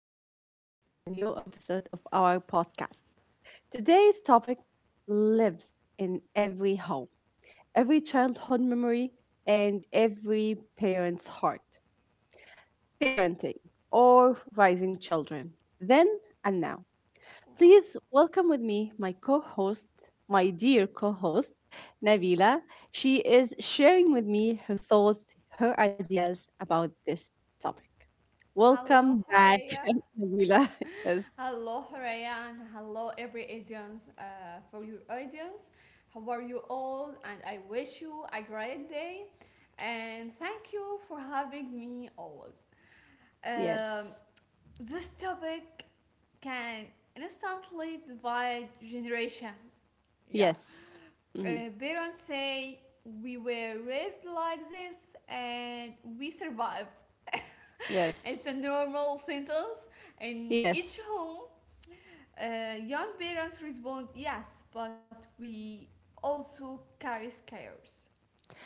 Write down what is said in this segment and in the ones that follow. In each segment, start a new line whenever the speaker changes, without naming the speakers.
and welcome back to a new episode of our podcast. Today's topic lives in every home, every childhood memory, and every parent's heart parenting or raising children, then and now. Please welcome with me my co host, my dear co host, Nabila. She is sharing with me her thoughts, her ideas about this topic.
Hello,
Welcome back,
Horea.
Nabila. Yes,
Hello, Horea, and hello, every audience, for your audience. How are you all? And I wish you a great day. And thank you for having me always. Um,
yes,
this topic can instantly divide generations. Yeah.
yes, Mhm.
Parents say we were raised like this and we survived. It's a
yes,
normal sentence. In each
yes.
home, young parents respond yes, but we also carry scares.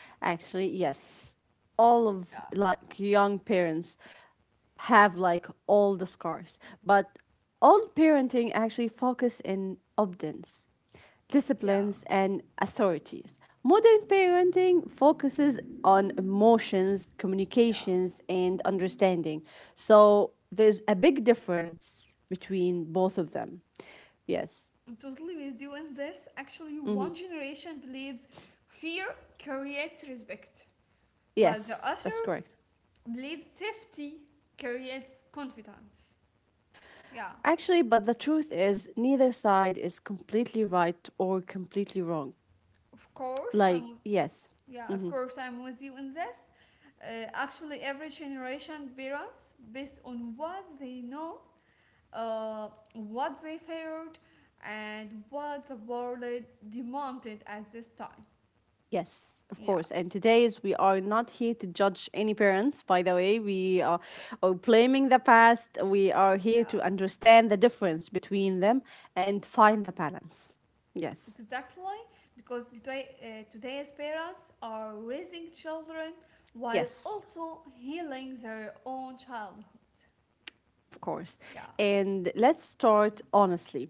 So,
Actually, yes. All
yeah,
of like young parents, have like all the scars. But old parenting actually focus in obedience,
yeah,
disciplines, and authorities. Modern parenting focuses on emotions,
yeah.
communications, and understanding. So there's a big difference between both of them. Yes.
I'm totally with you on this. Actually, one generation believes fear creates respect, but the
Yes,
other
that's correct.
believes safety creates confidence. Yeah,
Actually, but the truth is, neither side is completely right or completely wrong.
of course,
Like,
I'm
yes,
Yeah, of course, I'm with you in this. Actually, every generation parents, based on what they know, uh, what they feared, and what the world demanded at this time.
yes, of course.
Yeah,
And today is we are not here to judge any parents, by the way. We are blaming the past. We are here
yeah,
to understand the difference between them and find the balance. Yes.
exactly. Because today's parents are raising children while
Yes,
also healing their own childhood.
of course.
Yeah.
And let's start honestly.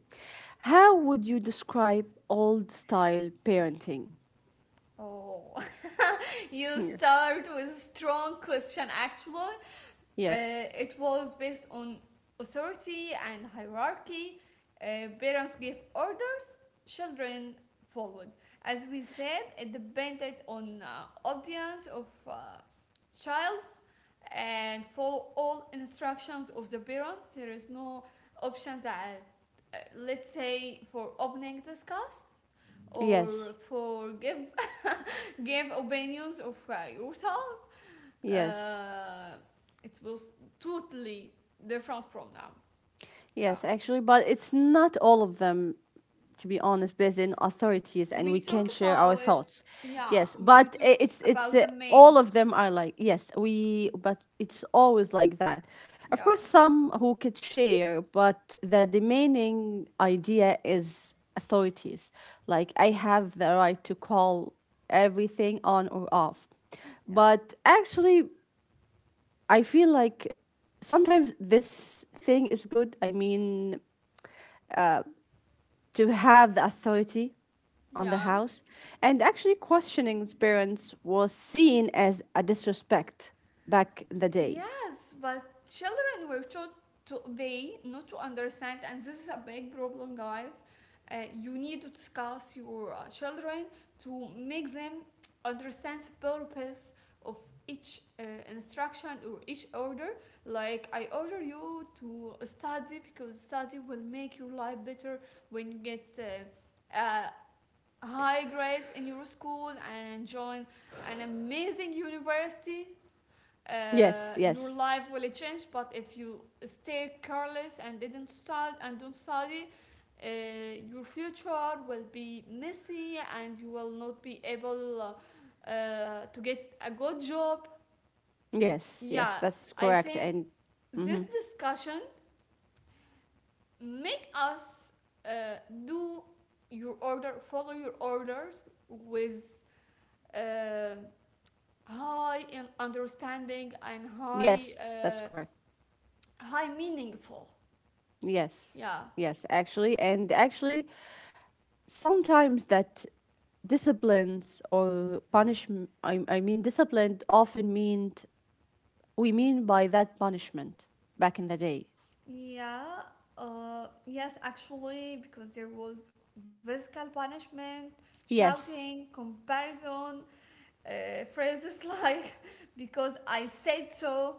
How would you describe old style parenting?
Oh, you
Yes.
start with strong question actually.
Yes.
Uh, it was based on authority and hierarchy. Parents gave order, children followed. As we said, it depended on audience of childs and follow all instructions of the parents. There is no option that, let's say, for opening discuss or
Yes.
for give give opinions of your town.
Yes.
uh, it was totally different from now. Yeah,
Yes, actually, but it's not all of them, to be honest, based in authorities, and
we
we
talk
can share our
about it.
thoughts.
Yeah,
Yes,
we
but
talk
I- it's
about the main.
all of them are like yes, we. But it's always like that. Of
Yeah,
course, some who could share, but the remaining idea is authorities. Like I have the right to call everything on or off,
yeah,
but actually, I feel like sometimes this thing is good. I mean to have the authority on the
yeah.
house, and actually questioning his parents was seen as a disrespect back in the day.
Yes, but children were taught to obey, not to understand, and this is a big problem, guys. You need to discuss your children to make them understand the purpose of each instruction or each order. Like, I order you to study because study will make your life better when you get high grades in your school and join an amazing university.
Yes,
Your
yes,
life will change, but if you stay careless and didn't study and don't study, uh, your future will be messy and you will not be able to get a good job.
yes, yes,
Yeah,
that's
I
correct.
think
And
this
mhm.
discussion make us uh, do your order follow your orders with uh, high in understanding and high
yes, that's
uh,
correct.
high meaningful.
Yes,
Yeah,
yes, actually. And actually, sometimes that disciplines or punishment, I mean, discipline often meant, we mean by that punishment back in the days.
yeah, yes, actually, because there was physical punishment,
Yes,
shouting, comparison, phrases like because I said so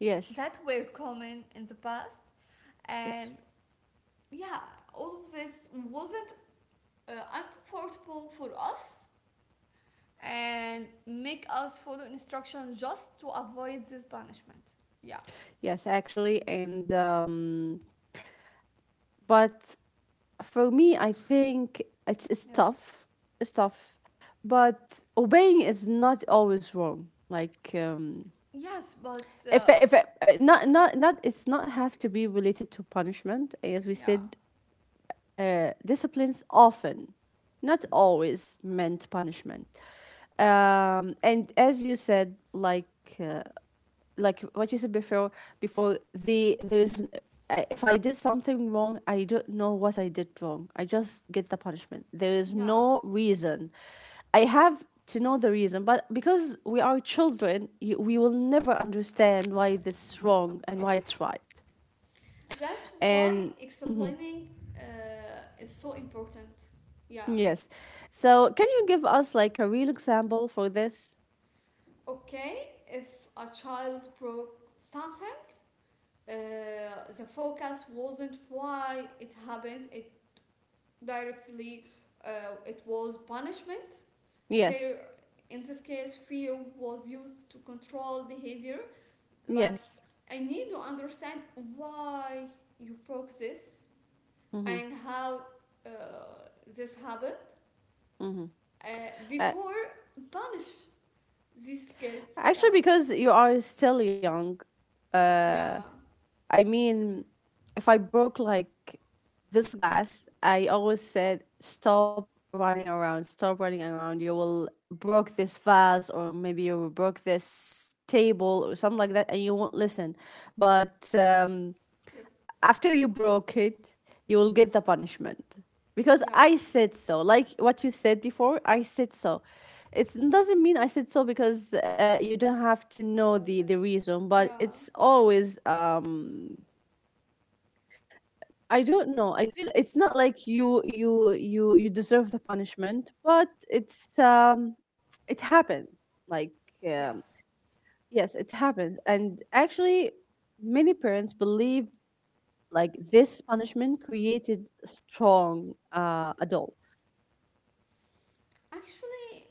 yes,
that were common in the past. And
yes.
yeah, all of this wasn't uncomfortable for us and make us follow instruction just to avoid this punishment. Yeah.
Yes, actually, and but for me, I think it's
Yeah.
tough. It's tough, but obeying is not always wrong. Like
Yes, but
if if uh, not it's not have to be related to punishment. As we
yeah.
said, disciplines often, not always meant punishment. And as you said, like what you said before the there is n- if I did something wrong I don't know what I did wrong I just get the punishment there is
Yeah,
no reason I have to know the reason but because we are children you, we will never understand why this is wrong and why it's right
that's why
and
explaining is so important. Yeah.
yes so can you give us like a real example for this
Okay, if a child broke something, uh, the focus wasn't why it happened, directly, it was punishment.
yes
Fear, in this case, fear was used to control behavior. Like,
yes
I need to understand why you broke this
Mm-hmm.
and how uh, this happened
Mm-hmm.
uh,
uh,
before punish these kids.
actually
Yeah,
because you are still young
yeah,
I mean, if I broke like this glass, I always said, stop running around, stop running around. You will broke this vase, or maybe you will broke this table, or something like that, and you won't listen. But
yep,
after you broke it, you will get the punishment because
yeah,
I said so. Like what you said before, I said so. It doesn't mean I said so because you don't have to know the reason, but it's
yeah,
always I
mm,
don't know. I feel it's not like you deserve the punishment, but it's it happens. Like um,
yes.
yes, it happens. And actually many parents believe like this punishment created strong adults.
Actually,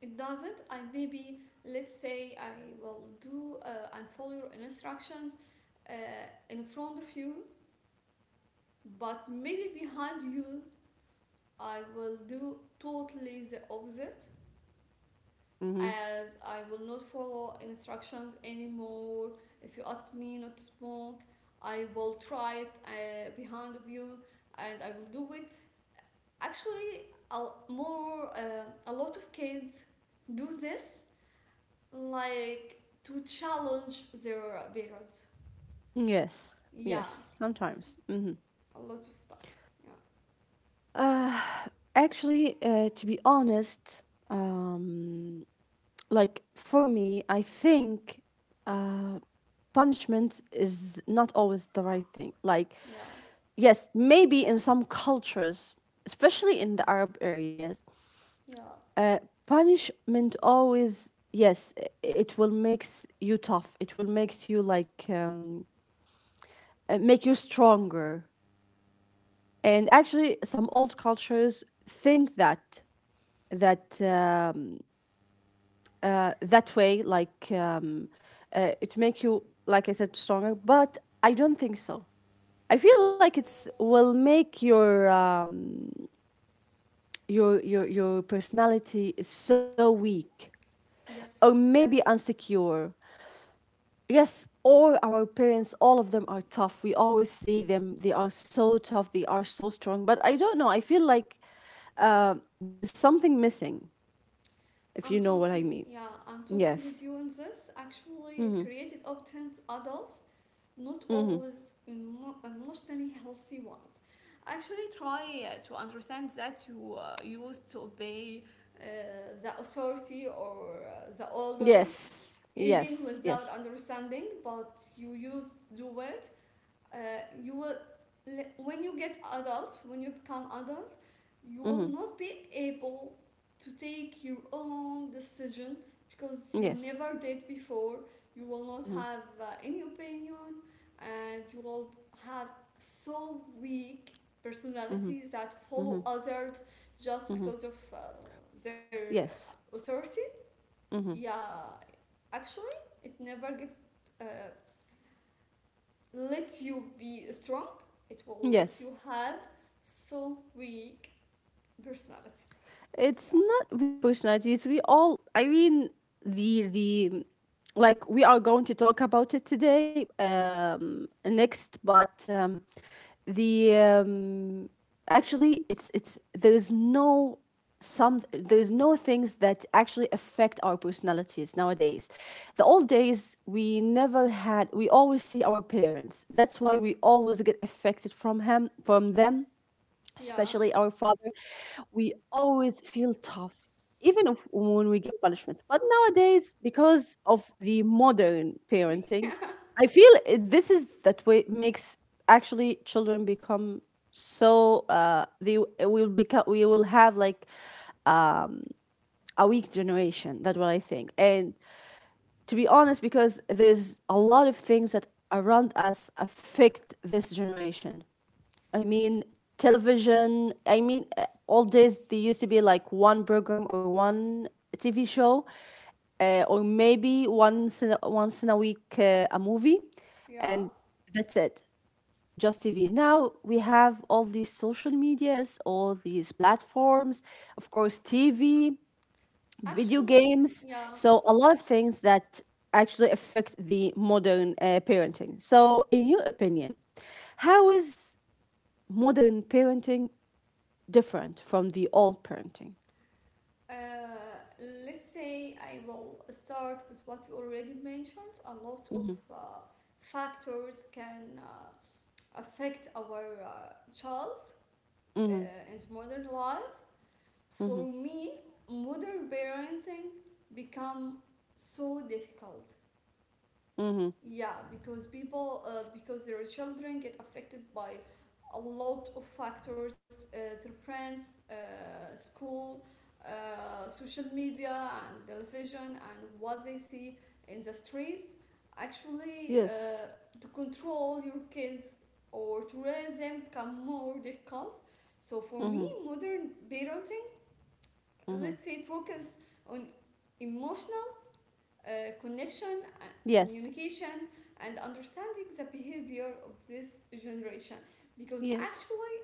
it doesn't. I maybe, let's say, I will do and follow your instructions uh, in front of you, but maybe behind you, I will do totally the opposite.
Hmm
As I will not follow instructions anymore. If you ask me not to smoke, I will try it behind of you and I will do it. Actually, a lot of kids do this like to challenge their parents.
Yes.
Yeah,
Yes, sometimes. Hmm
a lot of times. Yeah,
Uh, actually, to be honest, um, like for me, I think uh, punishment is not always the right thing. Like,
yeah,
yes, maybe in some cultures, especially in the Arab areas,
yeah.
uh, punishment always yes, it will makes you tough. It will makes you like make you stronger. And actually, some old cultures think that um, that way like it make you like I said stronger but I don't think so I feel like it's will make your your personality so weak or
Yes,
maybe
yes.
insecure yes all our parents all of them are tough we always see them they are so tough they are so strong but I don't know I feel like uh, there is something missing if
I'm
you know what I
totally,
mean
yeah, I'm totally with
yes
you on this. Actually, it
Mm-hmm.
created obtent adults, not
Mm-hmm.
always emotionally healthy ones. Actually, try to understand that you used to obey the authority or the elders,
Yes.
even
Yes.
without
Yes.
understanding, but you used to do it. Uh, you will when you get adult When you become adult, you will
Mm-hmm.
not be able to take your own decision because you
Yes.
never did before. You will not
Mm-hmm.
have any opinion, and you will have so weak
Mm-hmm.
personalities that
Mm-hmm.
follow others just
Mm-hmm.
because of their
Yes.
authority.
Mm-hmm.
Yeah, actually it never gives, uh, let you be strong. It will let
Yes.
you have so weak personality.
it's
Yeah,
not weak personalities. We all, I mean, the like we are going to talk about it today, next, but the actually it's there is no some there's no things that actually affect our personalities nowadays the old days we never had we always see our parents that's why we always get affected from them
yeah.
especially our father, we always feel tough, even if, when we get punishment. But nowadays, because of the modern parenting, I feel this is that way makes actually children become so will become we will have like a weak generation that's what I think and to be honest because there's a lot of things that around us affect this generation I mean, television. I mean, old days there used to be like one program or one TV show, or maybe once in a week a movie,
Yeah,
and that's it. Just TV. Now we have all these social medias, all these platforms, of course, TV, video
actually,
games.
yeah.
So a lot of things that actually affect the modern parenting. So, in your opinion, how is modern parenting different from the old parenting.
uh, let's say I will start with what you already mentioned. A lot of
Hmm
uh, factors can affect our child uh,
hmm
in modern life.
hmm
For me, modern parenting become so difficult.
hmm
Yeah, because their children get affected by a lot of factors, their friends, school, social media, and television, and what they see in the streets. Actually,
Yes.
to control your kids or to raise them become more difficult. So for me,
hmm
modern parenting,
hmm
let's say, focus on emotional uh, connection,
Yes.
communication, and understanding the behavior of this generation. Because
Yes.
actually,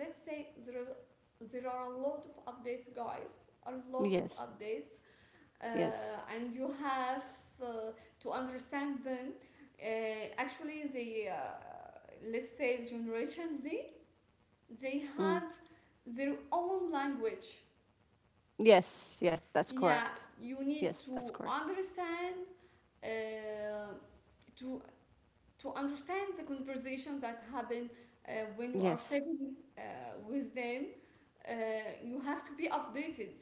let's say, there are a lot of updates, guys. A lot of
Yes.
updates,
Yes.
uh, and you have uh, to understand them. Uh, actually, the let's say Generation Z, they have
Mm.
their own language.
Yes. Yes. That's
Yeah,
correct.
you need
Yes.
to
That's correct.
understand, uh, to to understand the conversation that happen when you are
Yes.
sitting with them. uh, you have to be updated.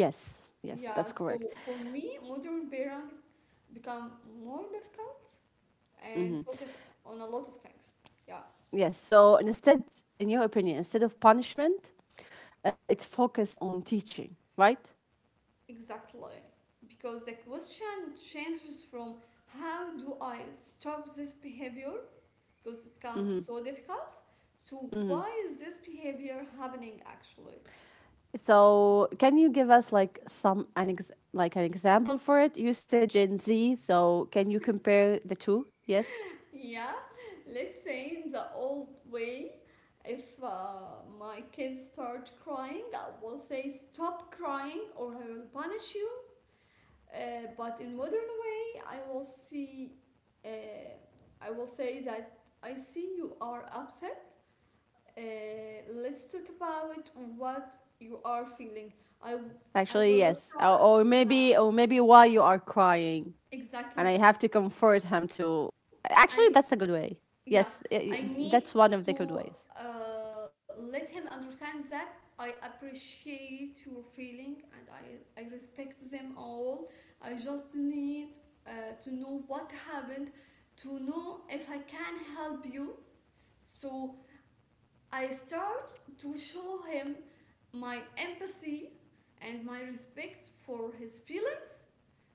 Yes. Yes.
Yeah,
That's
so
correct.
for me, modern parenting become more difficult and
Hmm
focus on a lot of things. Yeah,
Yes. So instead, in your opinion, instead of punishment, it's focus on teaching, right?
exactly. Because the question changes from how do I stop this behavior, because it becomes
hmm
so difficult. So
hmm
why is this behavior happening actually?
So, can you give us like some an ex like an example for it? You said Gen Z, so can you compare the two? Yes.
Yeah, let's say in the old way, if my kids start crying, I will say, stop crying or I will punish you. But in modern way, uh, I will say that I see you are upset. Uh, let's talk about what you are feeling. I, I
Actually,
will
yes. Or,
start.
or
Yeah,
maybe or maybe why you are crying and
exactly.
I have to comfort him to. Actually, that's a
I
good way. Yes,
Yeah, I
that's
need
one of the good
to
ways.
let him understand that I appreciate your feeling and I respect them all. I just need uh, to know what happened, to know if I can help you. So I start to show him my empathy and my respect for his feelings.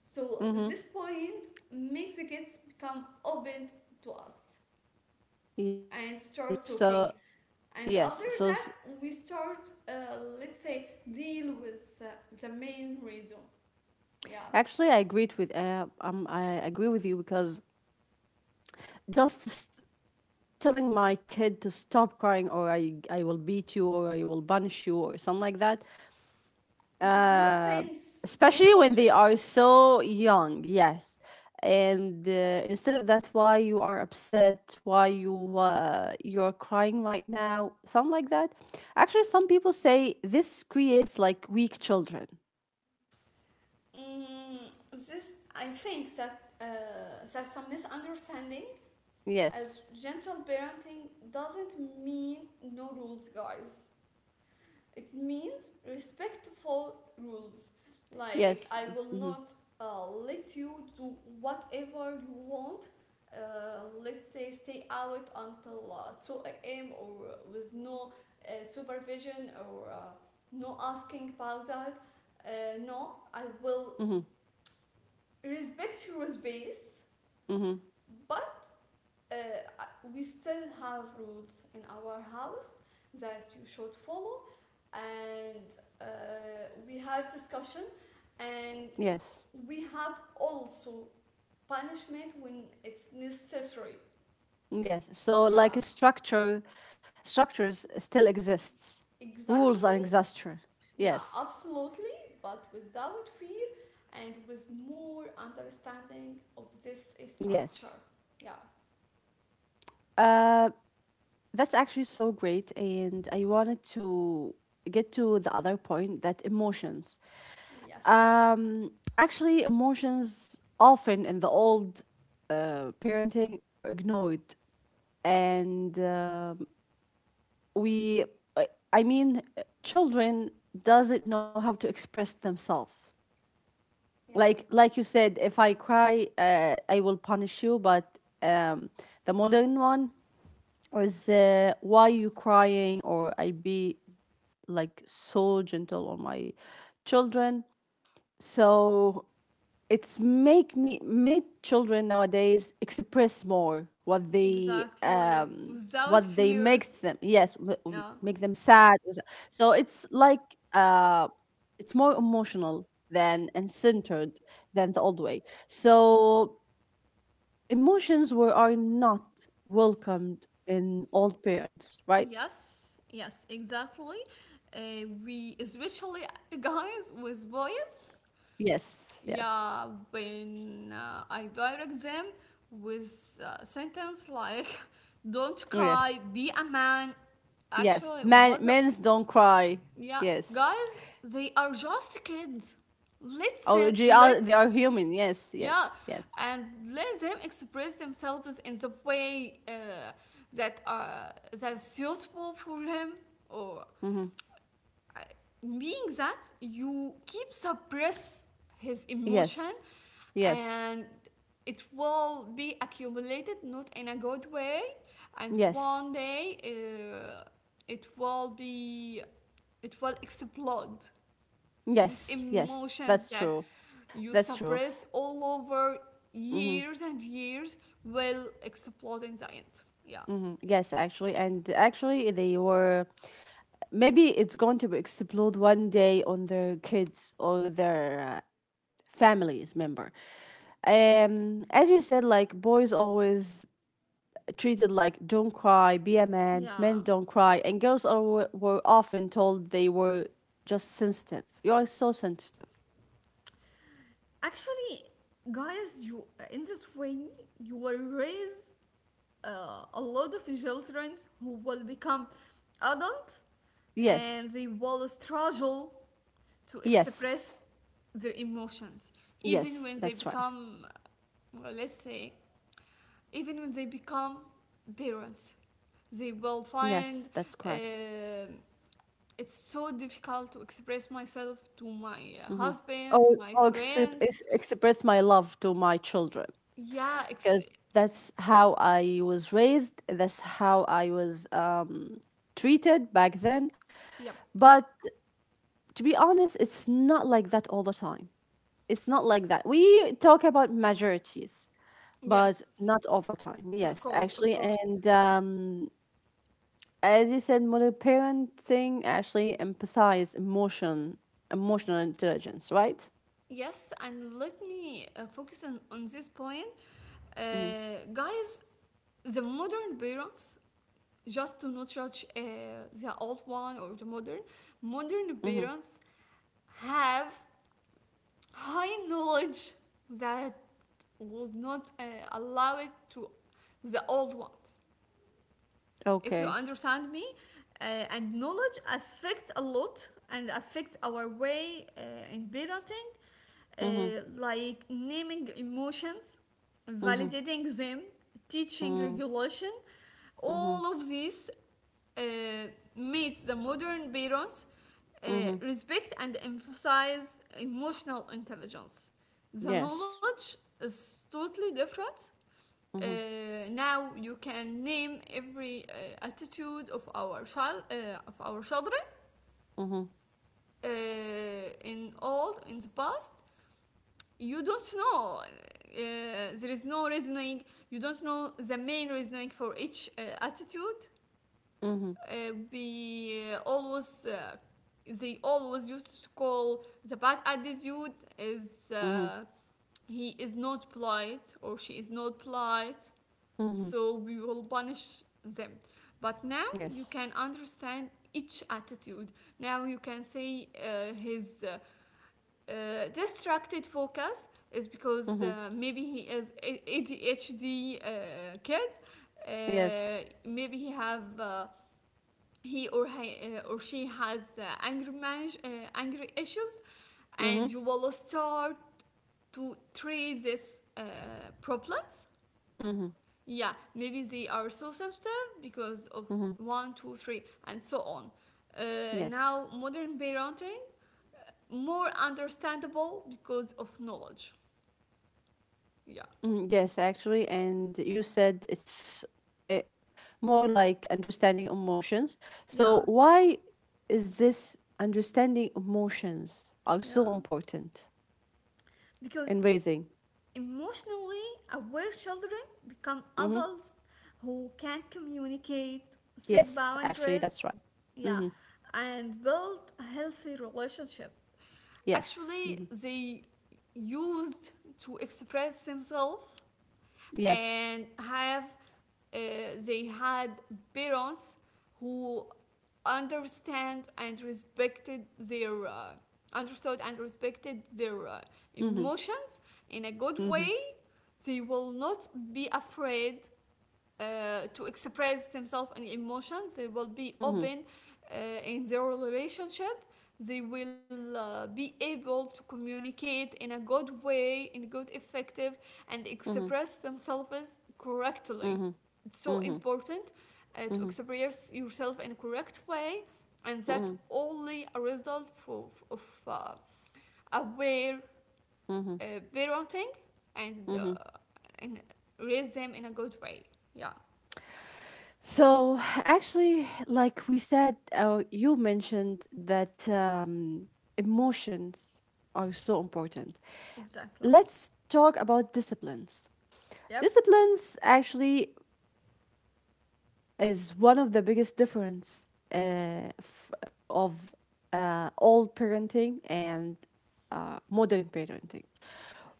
So this point makes the kids become open to us
Yes.
and start
So,
talking, and
yes.
after that we start, let's say, deal with the main reason. Yeah,
Actually I agreed with I agree with you because just s- telling my kid to stop crying or I will beat you or I will punish you or something like that.
it's not
Uh,
sense, it's not
especially when they
logic.
are so young, yes. And instead of that, why you are upset, why you you're crying right now, something like that. Actually, some people say this creates like weak children.
mm, this, I think, that some misunderstanding, as
Yes,
gentle parenting doesn't mean no rules, guys. It means respectful rules. Like,
yes,
I will
mm-hmm.
not let you do whatever you want. Let's say stay out until 2 a.m. or with no supervision or no asking about that. No, I will
Mm-hmm.
respect your space,
Mm-hmm.
but uh, we still have rules in our house that you should follow, and uh, we have discussion, and
yes.
we have also punishment when it's necessary.
Yes. So like
Yeah,
a structure structures still exists.
exactly.
Rules and exhaustion.
Yeah,
Yes.
absolutely, but without fear and with more understanding of this structure.
Yes.
Yeah,
Uh that's actually so great and I wanted to get to the other point that emotions.
yes,
Actually emotions often in the old parenting are ignored and
yep,
we I I mean children doesn't know how to express themselves
yes,
like you said if I cry I will punish you but the modern one is why you crying or I be like so gentle on my children so it's make me made children nowadays express more
exactly, without
what they
fear.
makes them yes
Yeah.
make them sad or so so it's like uh it's more emotional than and centered than the old way so emotions were are not welcomed in old parents right
Yes, yes, exactly. We, especially guys with boys,
yes yes
yeah, when I direct them with sentence like, don't
yes
cry, be a man.
yes
Actually,
men men's don't cry
yeah,
yes
guys, they are just kids.
Oh,
Listen,
they are human. Yes,
yeah,
yes, yes.
and let them express themselves in the way that are that's suitable for him, or
Mm-hmm.
being that you keep suppress his emotion,
Yes, yes,
and it will be accumulated not in a good way, and
yes,
one day it will be it will explode. These
yes, yes.
emotions
That's
that
true.
you
That's true.
suppress all over years and years will explode in the end. Yeah,
Hmm Yes, actually. And actually, they were. Maybe it's going to be explode one day on their kids or their families member. As you said, like boys always treated like don't cry, be a man,
yeah.
men don't cry, and girls are, were often told they were just sensitive. You are so sensitive.
Actually, guys, you, in this way, you will raise a lot of children who will become adults, and
Yes.
they will struggle to
Yes.
express their emotions. Even
Yes.
when they
That's right.
become, well, let's say, even when they become parents, they will
Yes, that's
find
correct.
um it's so difficult to express myself to my husband,
Or,
my friends.
express my love to my children
Yeah, ex
because that's how I was raised. That's how I was treated back then.
yep.
But to be honest, it's not like that all the time. It's not like that. We talk about majorities, but
Yes,
not all the time.
of
Yes,
course, of
actually.
course.
And as you said, modern parenting actually empathize emotional intelligence, right?
Yes, and let me focus on this point. Uh,
Mm-hmm.
guys, the modern parents, just to not judge the old one or the modern
Mm-hmm.
parents have high knowledge that was not allowed to the old ones. If you
Okay.
understand me, uh, and knowledge affects a lot and affects our way in parenting,
Mm-hmm.
like naming emotions,
Mm-hmm.
validating them, teaching
Mm-hmm.
regulation,
Mm-hmm.
all of these uh, made the modern parents uh,
Mm-hmm.
respect and emphasize emotional intelligence. The
Yes.
knowledge is totally different. uh,
Mm-hmm.
Now you can name every attitude of our children.
Mm-hmm.
uh, in the past, you don't know, there is no reasoning, you don't know the main reasoning for each attitude.
Mm-hmm.
Uh, we always They always used to call the bad attitude is,
Mm-hmm.
he is not polite or she is not polite,
Mm-hmm.
so we will punish them. But now
Yes.
you can understand each attitude. Now you can say his distracted focus is because
Mm-hmm.
maybe he is ADHD kid.
Yes.
Maybe he have or she has anger issues,
Mm-hmm.
and you will start to treat these problems.
Mm-hmm.
Yeah, maybe they are so sensitive because of
Mm-hmm.
one, two, three, and so on.
Yes.
Now, modern parenting more understandable because of knowledge. Yeah,
Mm, yes, actually, and you said it's uh, more like understanding emotions. So,
yeah,
why is this understanding emotions are
yeah.
so important
Because
in raising?
emotionally aware children become
Mm-hmm.
adults who can communicate, set
Yes, actually,
boundaries,
that's right.
yeah,
Mm-hmm.
and build a healthy relationship.
Yes.
Actually,
Mm-hmm.
they used to express themselves
Yes.
and have uh, they had parents who understand and respected their understood and respected their
Mm-hmm.
emotions in a good
Mm-hmm.
way. They will not be afraid to express themselves and emotions. They will be
Mm-hmm.
open uh, in their relationship. They will be able to communicate in a good way, in good effective, and express themselves correctly.
Mm-hmm.
It's so
Mm-hmm.
important to
Mm-hmm. Mm-hmm.
express yourself in a correct way, and that
Mm-hmm.
only a result of aware
Mm-hmm.
uh, parenting and
Mm-hmm.
uh, and raise them in a good way. Yeah.
So, actually, like we said, you mentioned that emotions are so important.
Exactly.
Let's talk about disciplines.
Yep.
Disciplines actually is one of the biggest difference uh, f- of old parenting and modern parenting.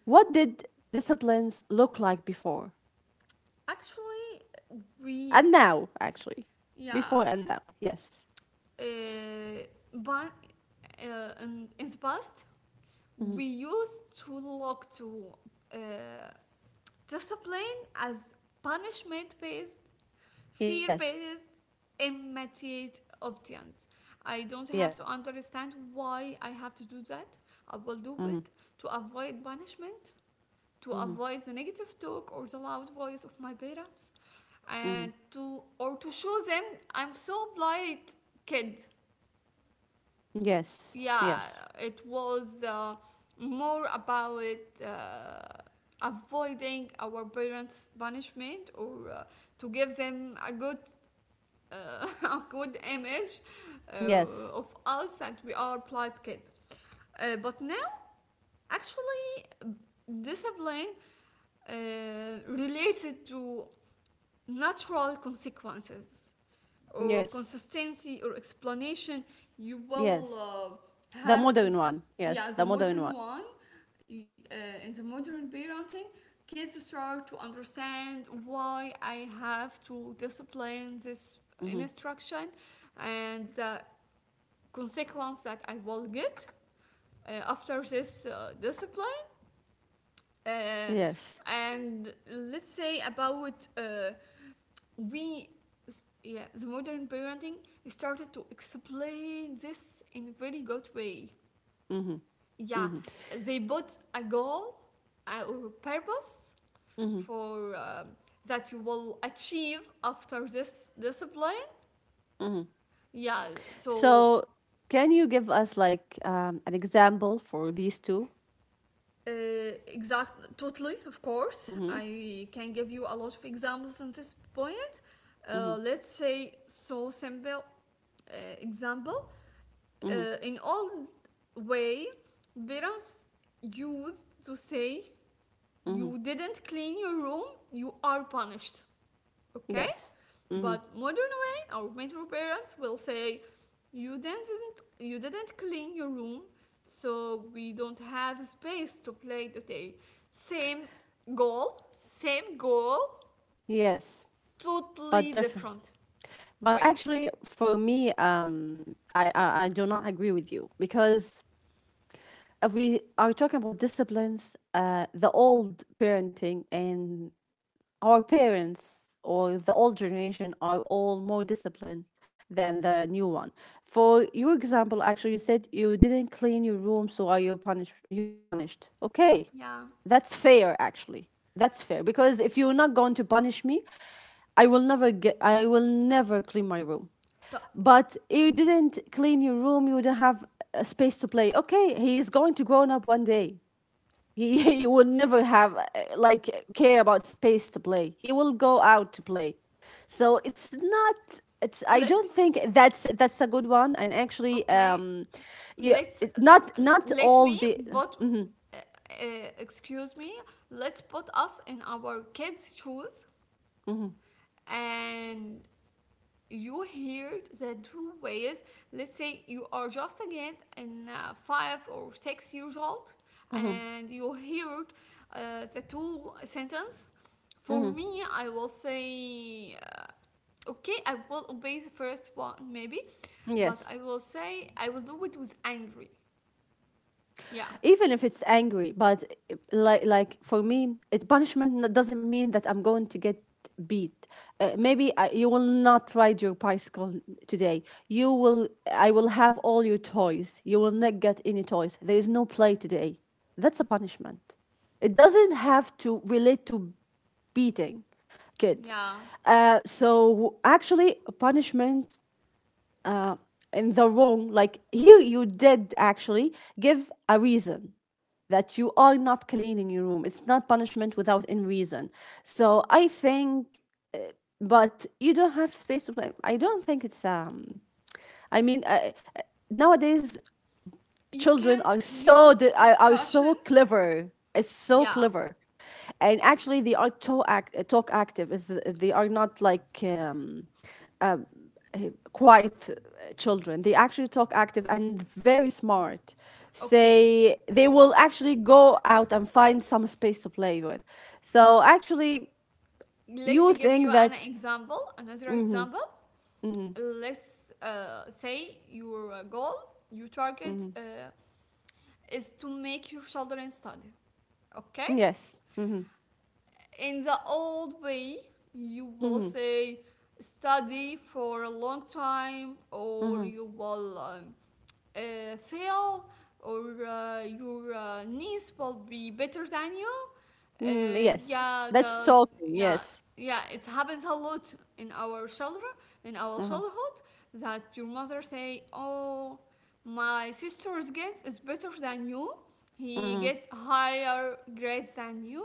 What did disciplines look like before
Actually, we
and now? Actually, before
yeah.
and now. Yes.
Uh, but in the past,
Mhm.
we used to look to uh, discipline as punishment-based,
Yes.
fear-based, immediate obedience. I don't have to
Yes.
understand why I have to do that. I will do
Mm-hmm.
it to avoid punishment, to
Mm-hmm.
avoid the negative talk or the loud voice of my parents,
Mm-hmm.
and to, or to show them I'm so polite kid.
Yes.
Yeah,
Yes.
it was more about avoiding our parents' punishment, or to give them a good a good image
Yes.
of us that we are polite kid. But now, actually, discipline uh, related to natural consequences, or
Yes.
consistency, or explanation. You will
Yes. The
have to,
modern one. Yes.
yeah,
The
the
modern one.
modern one. In the modern parenting, kids start to understand why I have to discipline this
Mm-hmm.
instruction, and the consequence that I will get after this discipline. uh,
Yes.
and let's say about we yeah, the modern parenting started to explain this in a very good way.
Mm-hmm.
Yeah,
Mm-hmm.
they put a goal or purpose
Mm-hmm.
for that you will achieve after this discipline.
Mm-hmm.
Yeah, so
So, can you give us like an example for these 2.
uh, exactly, totally. Of course
Mm-hmm.
I can give you a lot of examples on this point.
Mm-hmm.
Let's say so simple uh, example.
Mm-hmm.
In old way, parents used to say,
Mm-hmm.
you didn't clean your room, you are punished. Okay,
Yes. Mm-hmm.
but modern way, our metro parents will say, you didn't clean your room, so we don't have space to play today. Same goal same goal
Yes.
totally
But different.
different
But
ways.
actually, for me, I do not agree with you because if we are talking about disciplines, the old parenting and our parents or the old generation are all more disciplined than the new one. For your example, actually, you said you didn't clean your room, so are you punished? You're punished. Okay,
Yeah.
that's fair. Actually, that's fair because if you're not going to punish me, I will never get. I will never clean my room.
طب.
But you didn't clean your room, you don't have a space to play. Okay, he is going to grown up one day, he, he will never have like care about space to play, he will go out to play. So it's not, it's I don't
Let's
think that's a good one. And actually
Okay,
um yeah,
let's
it's not, not
let
all
me
the
but uh, Excuse me, let's put us in our kids shoes, and you hear the two ways. Let's say you are just a kid and 5 or 6 years old,
Mhm,
and you heard the two sentence. For
mhm.
me, I will say okay, I will obey the first one maybe, but I
Yes,
will say I will do it with angry. Yeah,
even if it's angry, but like for me, it, punishment doesn't mean that I'm going to get beat. Maybe you will not ride your bicycle today, you will, I will have all your toys, you will not get any toys, there is no play today. That's a punishment. It doesn't have to relate to beating kids.
yeah,
So actually, punishment uh, in the wrong, like here you did actually give a reason that you are not clean in your room. It's not punishment without any reason. So I think, but you don't have space to play. I don't think it's. I mean, uh, nowadays
You
children
can
are so
use
are so
discussion.
clever. It's so
Yeah.
clever, and actually they are talk act, talk active. Is they are not like quiet children. They actually talk active and very smart.
Okay,
Say they will actually go out and find some space to play with. So actually,
let
you
me give
think
you an
that
example, another example. Let's say your goal, your target is to make your children study. Okay?
yes, mm-hmm,
In the old way, you will
mm-hmm,
say, study for a long time, or
mm-hmm,
you will fail, or your niece will be better than you.
mm,
Uh,
yes,
yeah,
that's
the
talking.
yeah,
Yes.
yeah, it happens a lot in our
Uh-huh,
childhood that your mother say, "Oh, my sister's guess is better than you. He
mm-hmm,
get higher grades than you,"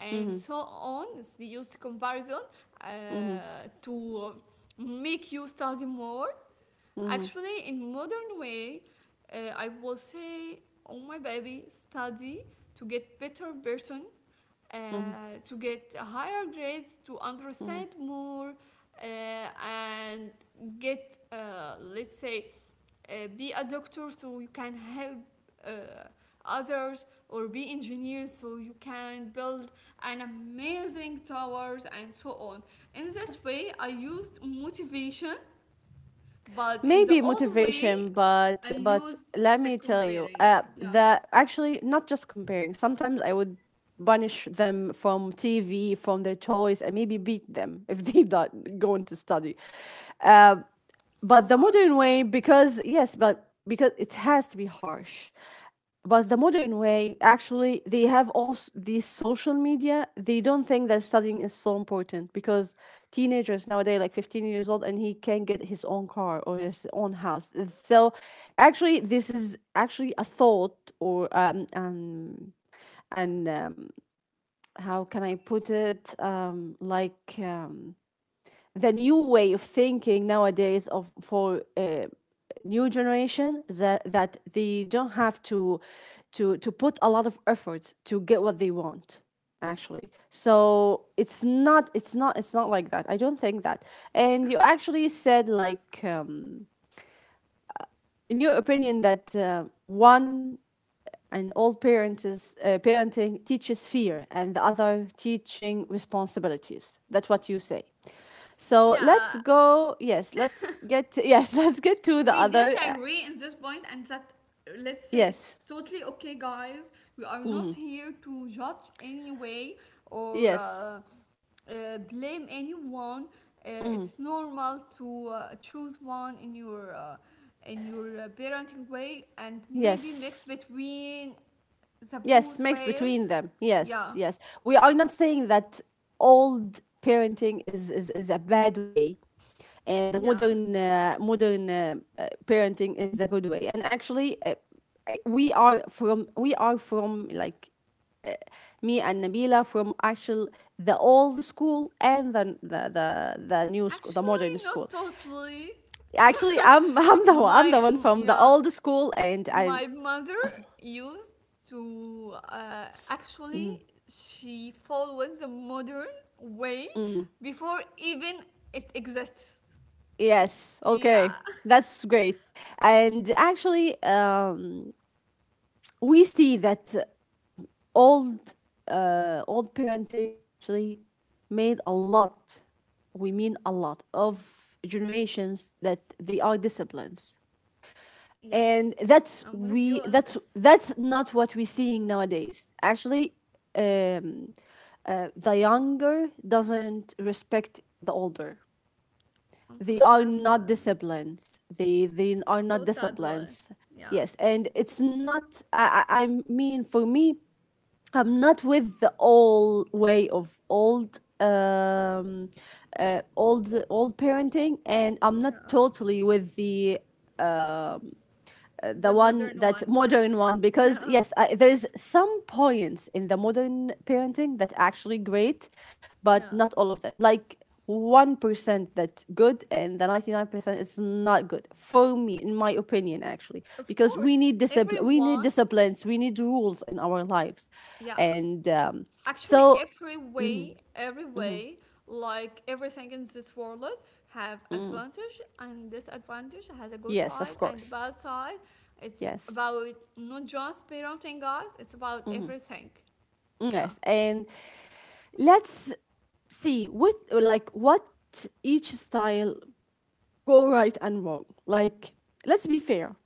and
mm-hmm,
so on. It's the used comparison uh,
mm-hmm,
to make you study more.
mm-hmm,
Actually, in modern way, I will say, oh my baby, study to get better person, uh,
mm-hmm,
to get higher grades, to
mm-hmm.
understand more, and get, let's say, be a doctor so you can help uh, others, or be engineers so you can build an amazing towers and so on. In this way, I used motivation, but in the
Maybe
old way,
motivation,
I
but
used
let
the
me tell you
comparing. Yeah.
that actually not just comparing, sometimes I would banish them from TV, from their toys, and maybe beat them if they don't going to study. uh,
So
but the
harsh.
modern way, because yes, but because it has to be harsh. But the modern way, actually they have also these social media, they don't think that studying is so important, because teenagers nowadays like 15 years old and he can get his own car or his own house. So actually this is actually a thought, or and how can I put it, like the new way of thinking nowadays of for new generation, that that they don't have to to put a lot of efforts to get what they want, actually. So it's not, it's not, it's not like that, I don't think that. And you actually said like in your opinion that one and all parent parenting teaches fear and the other teaching responsibilities, that's what you say. So
Yeah,
let's go, yes, let's get, yes, let's get to the
we
other
disagree in this point, and that, let's say, it's
yes,
totally okay, guys. We are not here to judge anyway, or
yes,
blame anyone. It's normal to choose one in your parenting way, and maybe mix
yes.
between the both
Yes, mixed
ways.
between them. Yes,
Yeah,
yes. We are not saying that old parenting is, is a bad way, and the
yeah.
modern modern parenting is the good way. And actually, we are from, we are from like me and Nabila, from actual the old school and the new school, the
Actually,
modern school.
not totally.
Actually, I'm I'm
My
the one
m-
from the
yeah,
old school, and I.
my mother used to, actually, she followed the modern way before even it exists.
Yes,
Yeah.
okay. That's great. And actually, we see that old old parenting actually made a lot, we mean a lot, of generations that they are disciplines.
Yes,
And that's
I'm with you
we,
on
that's
this.
that's not what we're seeing nowadays. Actually, um, the younger doesn't respect the older, they are
Unfortunately,
not disciplines, they they
it's
are
so
not
sadly.
disciplines.
Yeah,
Yes, and it's not, I mean for me, I'm not with the old way of old old parenting, and I'm not
yeah,
totally with the
the
one
modern
that
one.
modern one, because
Yeah,
yes I, there's some points in the modern parenting that actually great, but
yeah.
not all of them. Like 1% that's good and the 99% is not good, for me in my opinion, actually.
Of
Because we
course,
need discipline, we need
everyone.
disciplines, we need rules in our lives
Yeah,
and
actually,
so,
every way like everything in this world have advantage and disadvantage, has a good
yes,
side
of
and
course,
bad side. It's
yes,
about, not just parenting guys, it's about everything. Yeah.
yes. And let's see what, like what each style go right and wrong. Like, let's be fair.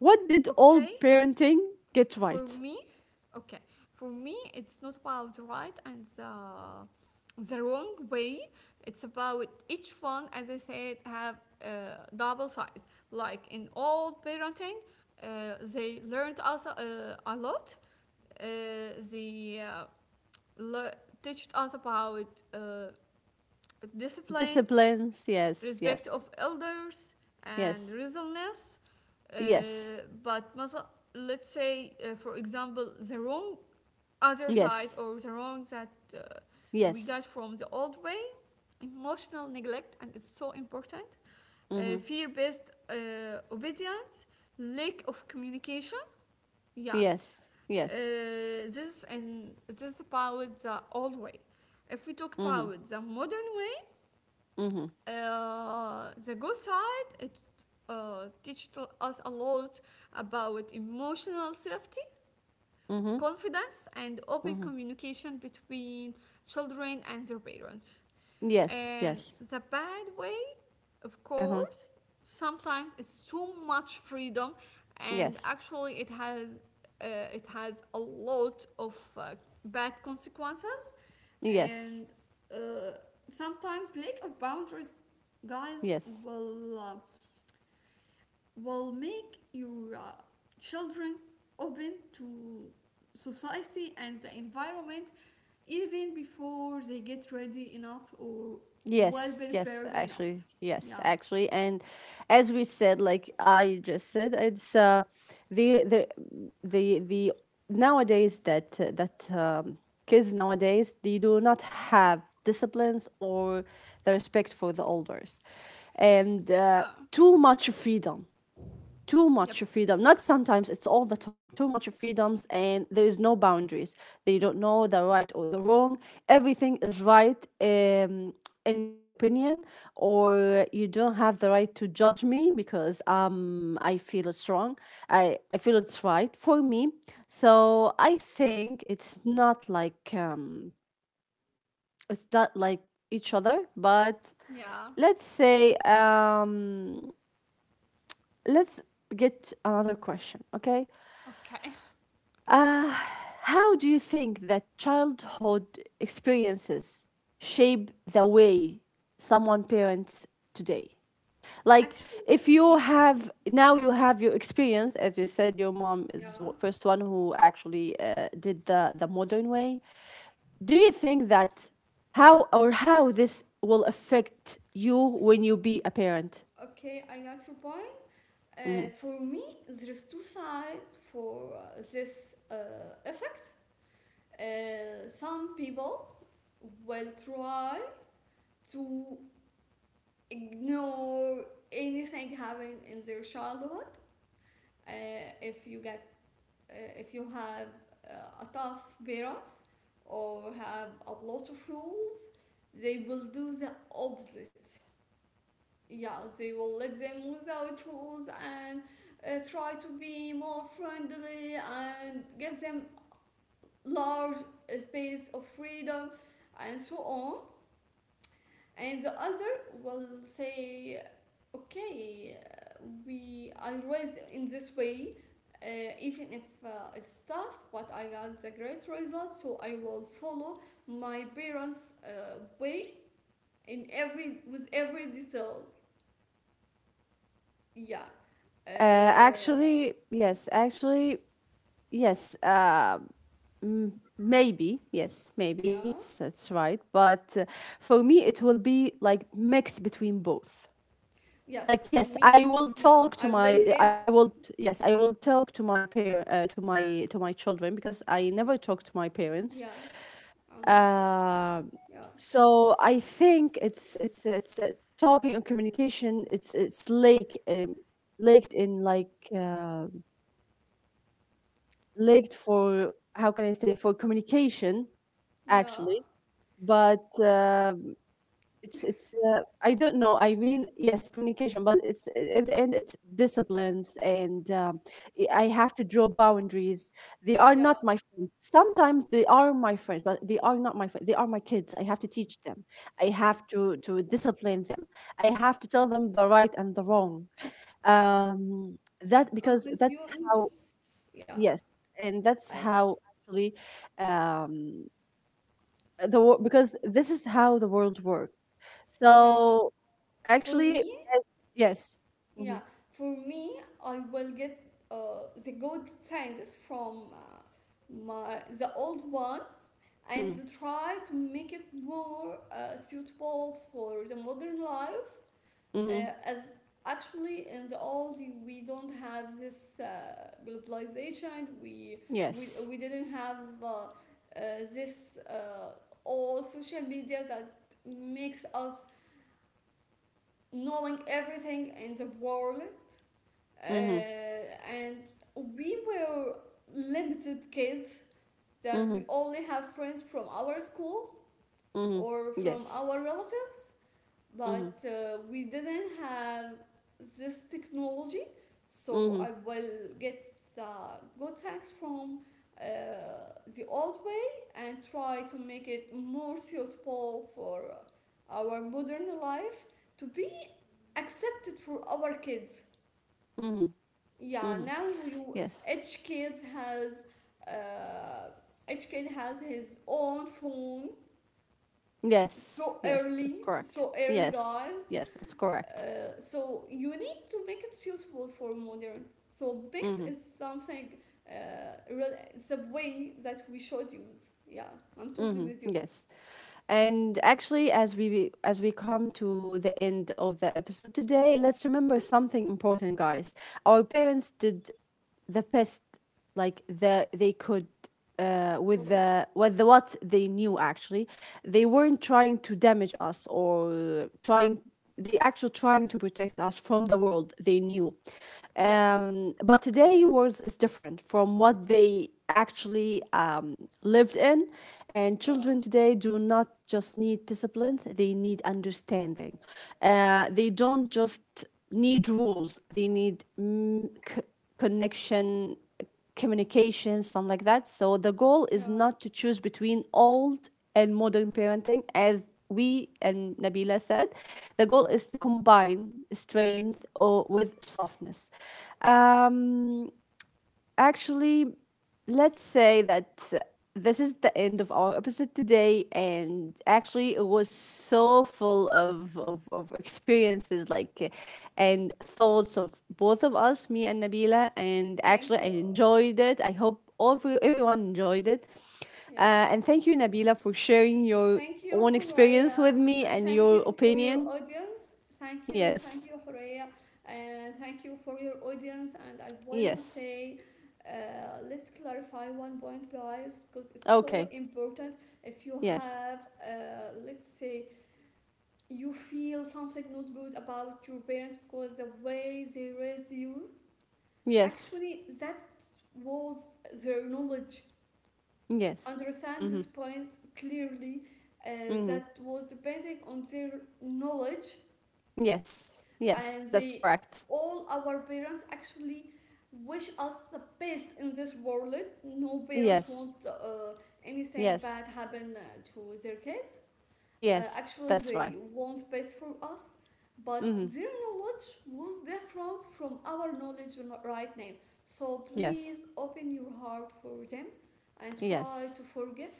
What did
Okay,
all parenting get
for
right?
me okay for me, it's not about right and the wrong way. It's about each one, as I said, have double sides. Like in old parenting, they learned us a lot. Uh, they uh, le- Teached us about discipline,
Disciplines, yes,
respect
yes,
of elders, and
yes,
reasonableness. Uh,
yes,
but let's say, for example, the wrong other side,
yes,
or the wrong that uh, we
yes,
got from the old way, emotional neglect, and it's so important,
mm-hmm.
fear based obedience, lack of communication. Yeah, uh,
Yes, yes,
this and this is about the old way. If we talk
mm-hmm.
about the modern way,
Mm-hmm.
the good side, it teaches us a lot about emotional safety,
Mm-hmm.
confidence, and open
Mm-hmm.
communication between children and their parents.
Yes,
And
yes,
the bad way, of
uh-huh.
course, sometimes it's too much freedom, and
Yes,
actually, uh, it has a lot of bad consequences,
yes,
and uh, sometimes lack of boundaries, guys,
yes.
will uh, will make your children open to society and the environment even before they get ready enough or well
Yes,
prepared enough.
yes,
Yeah.
actually, and as we said, like I just said, it's the the the nowadays that that kids nowadays they do not have disciplines or the respect for the elders, and
Yeah.
too much freedom, too
Yep.
much freedom, not sometimes, it's all the time, too much freedoms, and there is no boundaries, they don't know the right or the wrong, everything is right in their opinion. Or, you don't have the right to judge me because I feel it's wrong, I feel it's right for me. So I think it's not like each other. But
Yeah.
let's say let's get another question. Okay,
Okay.
how do you think that childhood experiences shape the way someone parents today? Like, if
Actually,
you have now, you have your experience, as you said, your mom is
yeah,
the first one who actually did the modern way. Do you think that how, or how this will affect you when you be a parent?
okay, I got your point. For me, there is two sides for this effect. Some people will try to ignore anything happening in their childhood. Uh, if you get, if you have a tough parents, or have a lot of rules, they will do the opposite. Yeah, they will let them without rules, and try to be more friendly, and give them large space of freedom and so on. And the other will say, okay, we I raised in this way, even if it's tough, but I got the great results, so I will follow my parents way in every, with every detail. yeah uh,
Actually, yes. Actually, yes, mm, maybe. Yes, maybe
Yeah.
it's right. But for me, it will be like mix between both.
Yes,
Like
for
yes, I
me,
will
yeah,
talk
I
to
will
my. I
get.
will yes, I will talk to my parent to my, to my children, because I never talk to my parents.
Yes, I'm with you.
Uh,
Yeah,
so I think it's talking and communication. It's like laked in, like laked for how can I say, for communication
yeah,
actually. But it's I don't know, I mean yes communication, but it's at the end it's disciplines and I have to draw boundaries. They are not
yeah,
my friends. Sometimes they are my friends, but they are not my friends, they are my kids. I have to teach them, I have to discipline them, I have to tell them the right and the wrong. That because
I'm
that's
with you in
how,
this. Yeah,
yes, and that's
I,
how actually um the because this is how the world works.
yeah,
So
for
actually,
me,
yes, mm-hmm,
yeah, For me, I will get the good things from my the old one, and
mm-hmm,
to try to make it more suitable for the modern life.
mm-hmm.
As Actually, in the old, we don't have this globalization. We we
Yes,
we didn't have uh, uh, this all social media that makes us knowing everything in the world,
mm-hmm,
and we were limited kids that we
mm-hmm,
only have friends from our school
mm-hmm.
or from
Yes,
our relatives,
mm-hmm,
but we didn't have this technology. So I
mm-hmm,
will get good tax from uh, the old way, and try to make it more suitable for our modern life, to be accepted for our kids.
mm-hmm,
Yeah
mm-hmm.
now you
Yes,
Each kid has uh, his own phone
yes,
so
yes.
early,
That's
so
correct.
early
Yes,
guys.
yes, it's correct.
So you need to make it suitable for modern. So mix
Mm-hmm,
is something real, it's a way that we should use. Yeah, I'm totally
mm-hmm.
with you.
Yes. And actually, as we, as we come to the end of the episode today,
Oh,
let's remember something important, guys. Our parents did the best like the they could
of
with
course.
the, with the what they knew, actually. They weren't
Yes.
trying to damage us or trying, they actually trying to protect us from the world they knew.
Yes.
But today world is different from what they actually lived in, and
Yeah.
children today do not just need discipline, they need understanding. They don't just need rules, they need mm, connection, communication, something like that. So the goal is
Yeah.
not to choose between old and modern parenting, as we and Nabila said. The goal is to combine strength or with softness. Um, Actually, let's say that this is the end of our episode today, and actually it was so full of experiences like and thoughts of both of us, me and Nabila, and
Thank
actually
you.
I enjoyed it. I hope all of you, everyone enjoyed it.
Yeah.
And thank you Nabila for sharing your
Thank you,
own experience
Horea,
with me
and
and
thank
your
you for your
opinion.
audience. Thank you, thank
Yes,
you, Horea, and thank you for your audience. And I wanna
yes,
say, let's clarify one point, guys, because it's so
okay,
important. If you
yes,
have, let's say, you feel something not good about your parents because the way they raised you,
yes,
actually, that was their knowledge.
yes,
Understand
mm-hmm.
this point clearly, uh,
Mm-hmm.
that was depending on their knowledge.
Yes, yes,
And
that's
they
correct.
All our parents actually wish us the best in this world. No parents
Yes,
want anything
yes,
bad happen to their kids.
yes,
Actually,
that's right.
they want best for us, but
Mm-hmm.
their knowledge was different from our knowledge right now. So
Yes,
please open your heart for them, and try to
yes,
forgive,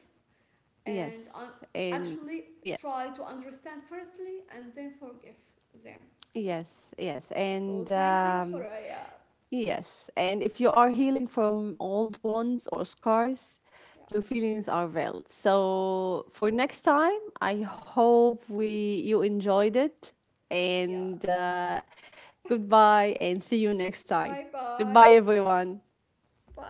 and un-
yes, and
actually
yes,
try to understand firstly, and then forgive them.
yes, yes,
So
and
thank you, Horaya.
yes. And if you are healing from old wounds or scars,
Yeah,
your feelings are valid. So for next time, I hope we you enjoyed it,
yeah.
and goodbye, and see you next
Bye
time.
bye.
Goodbye, everyone.
Bye.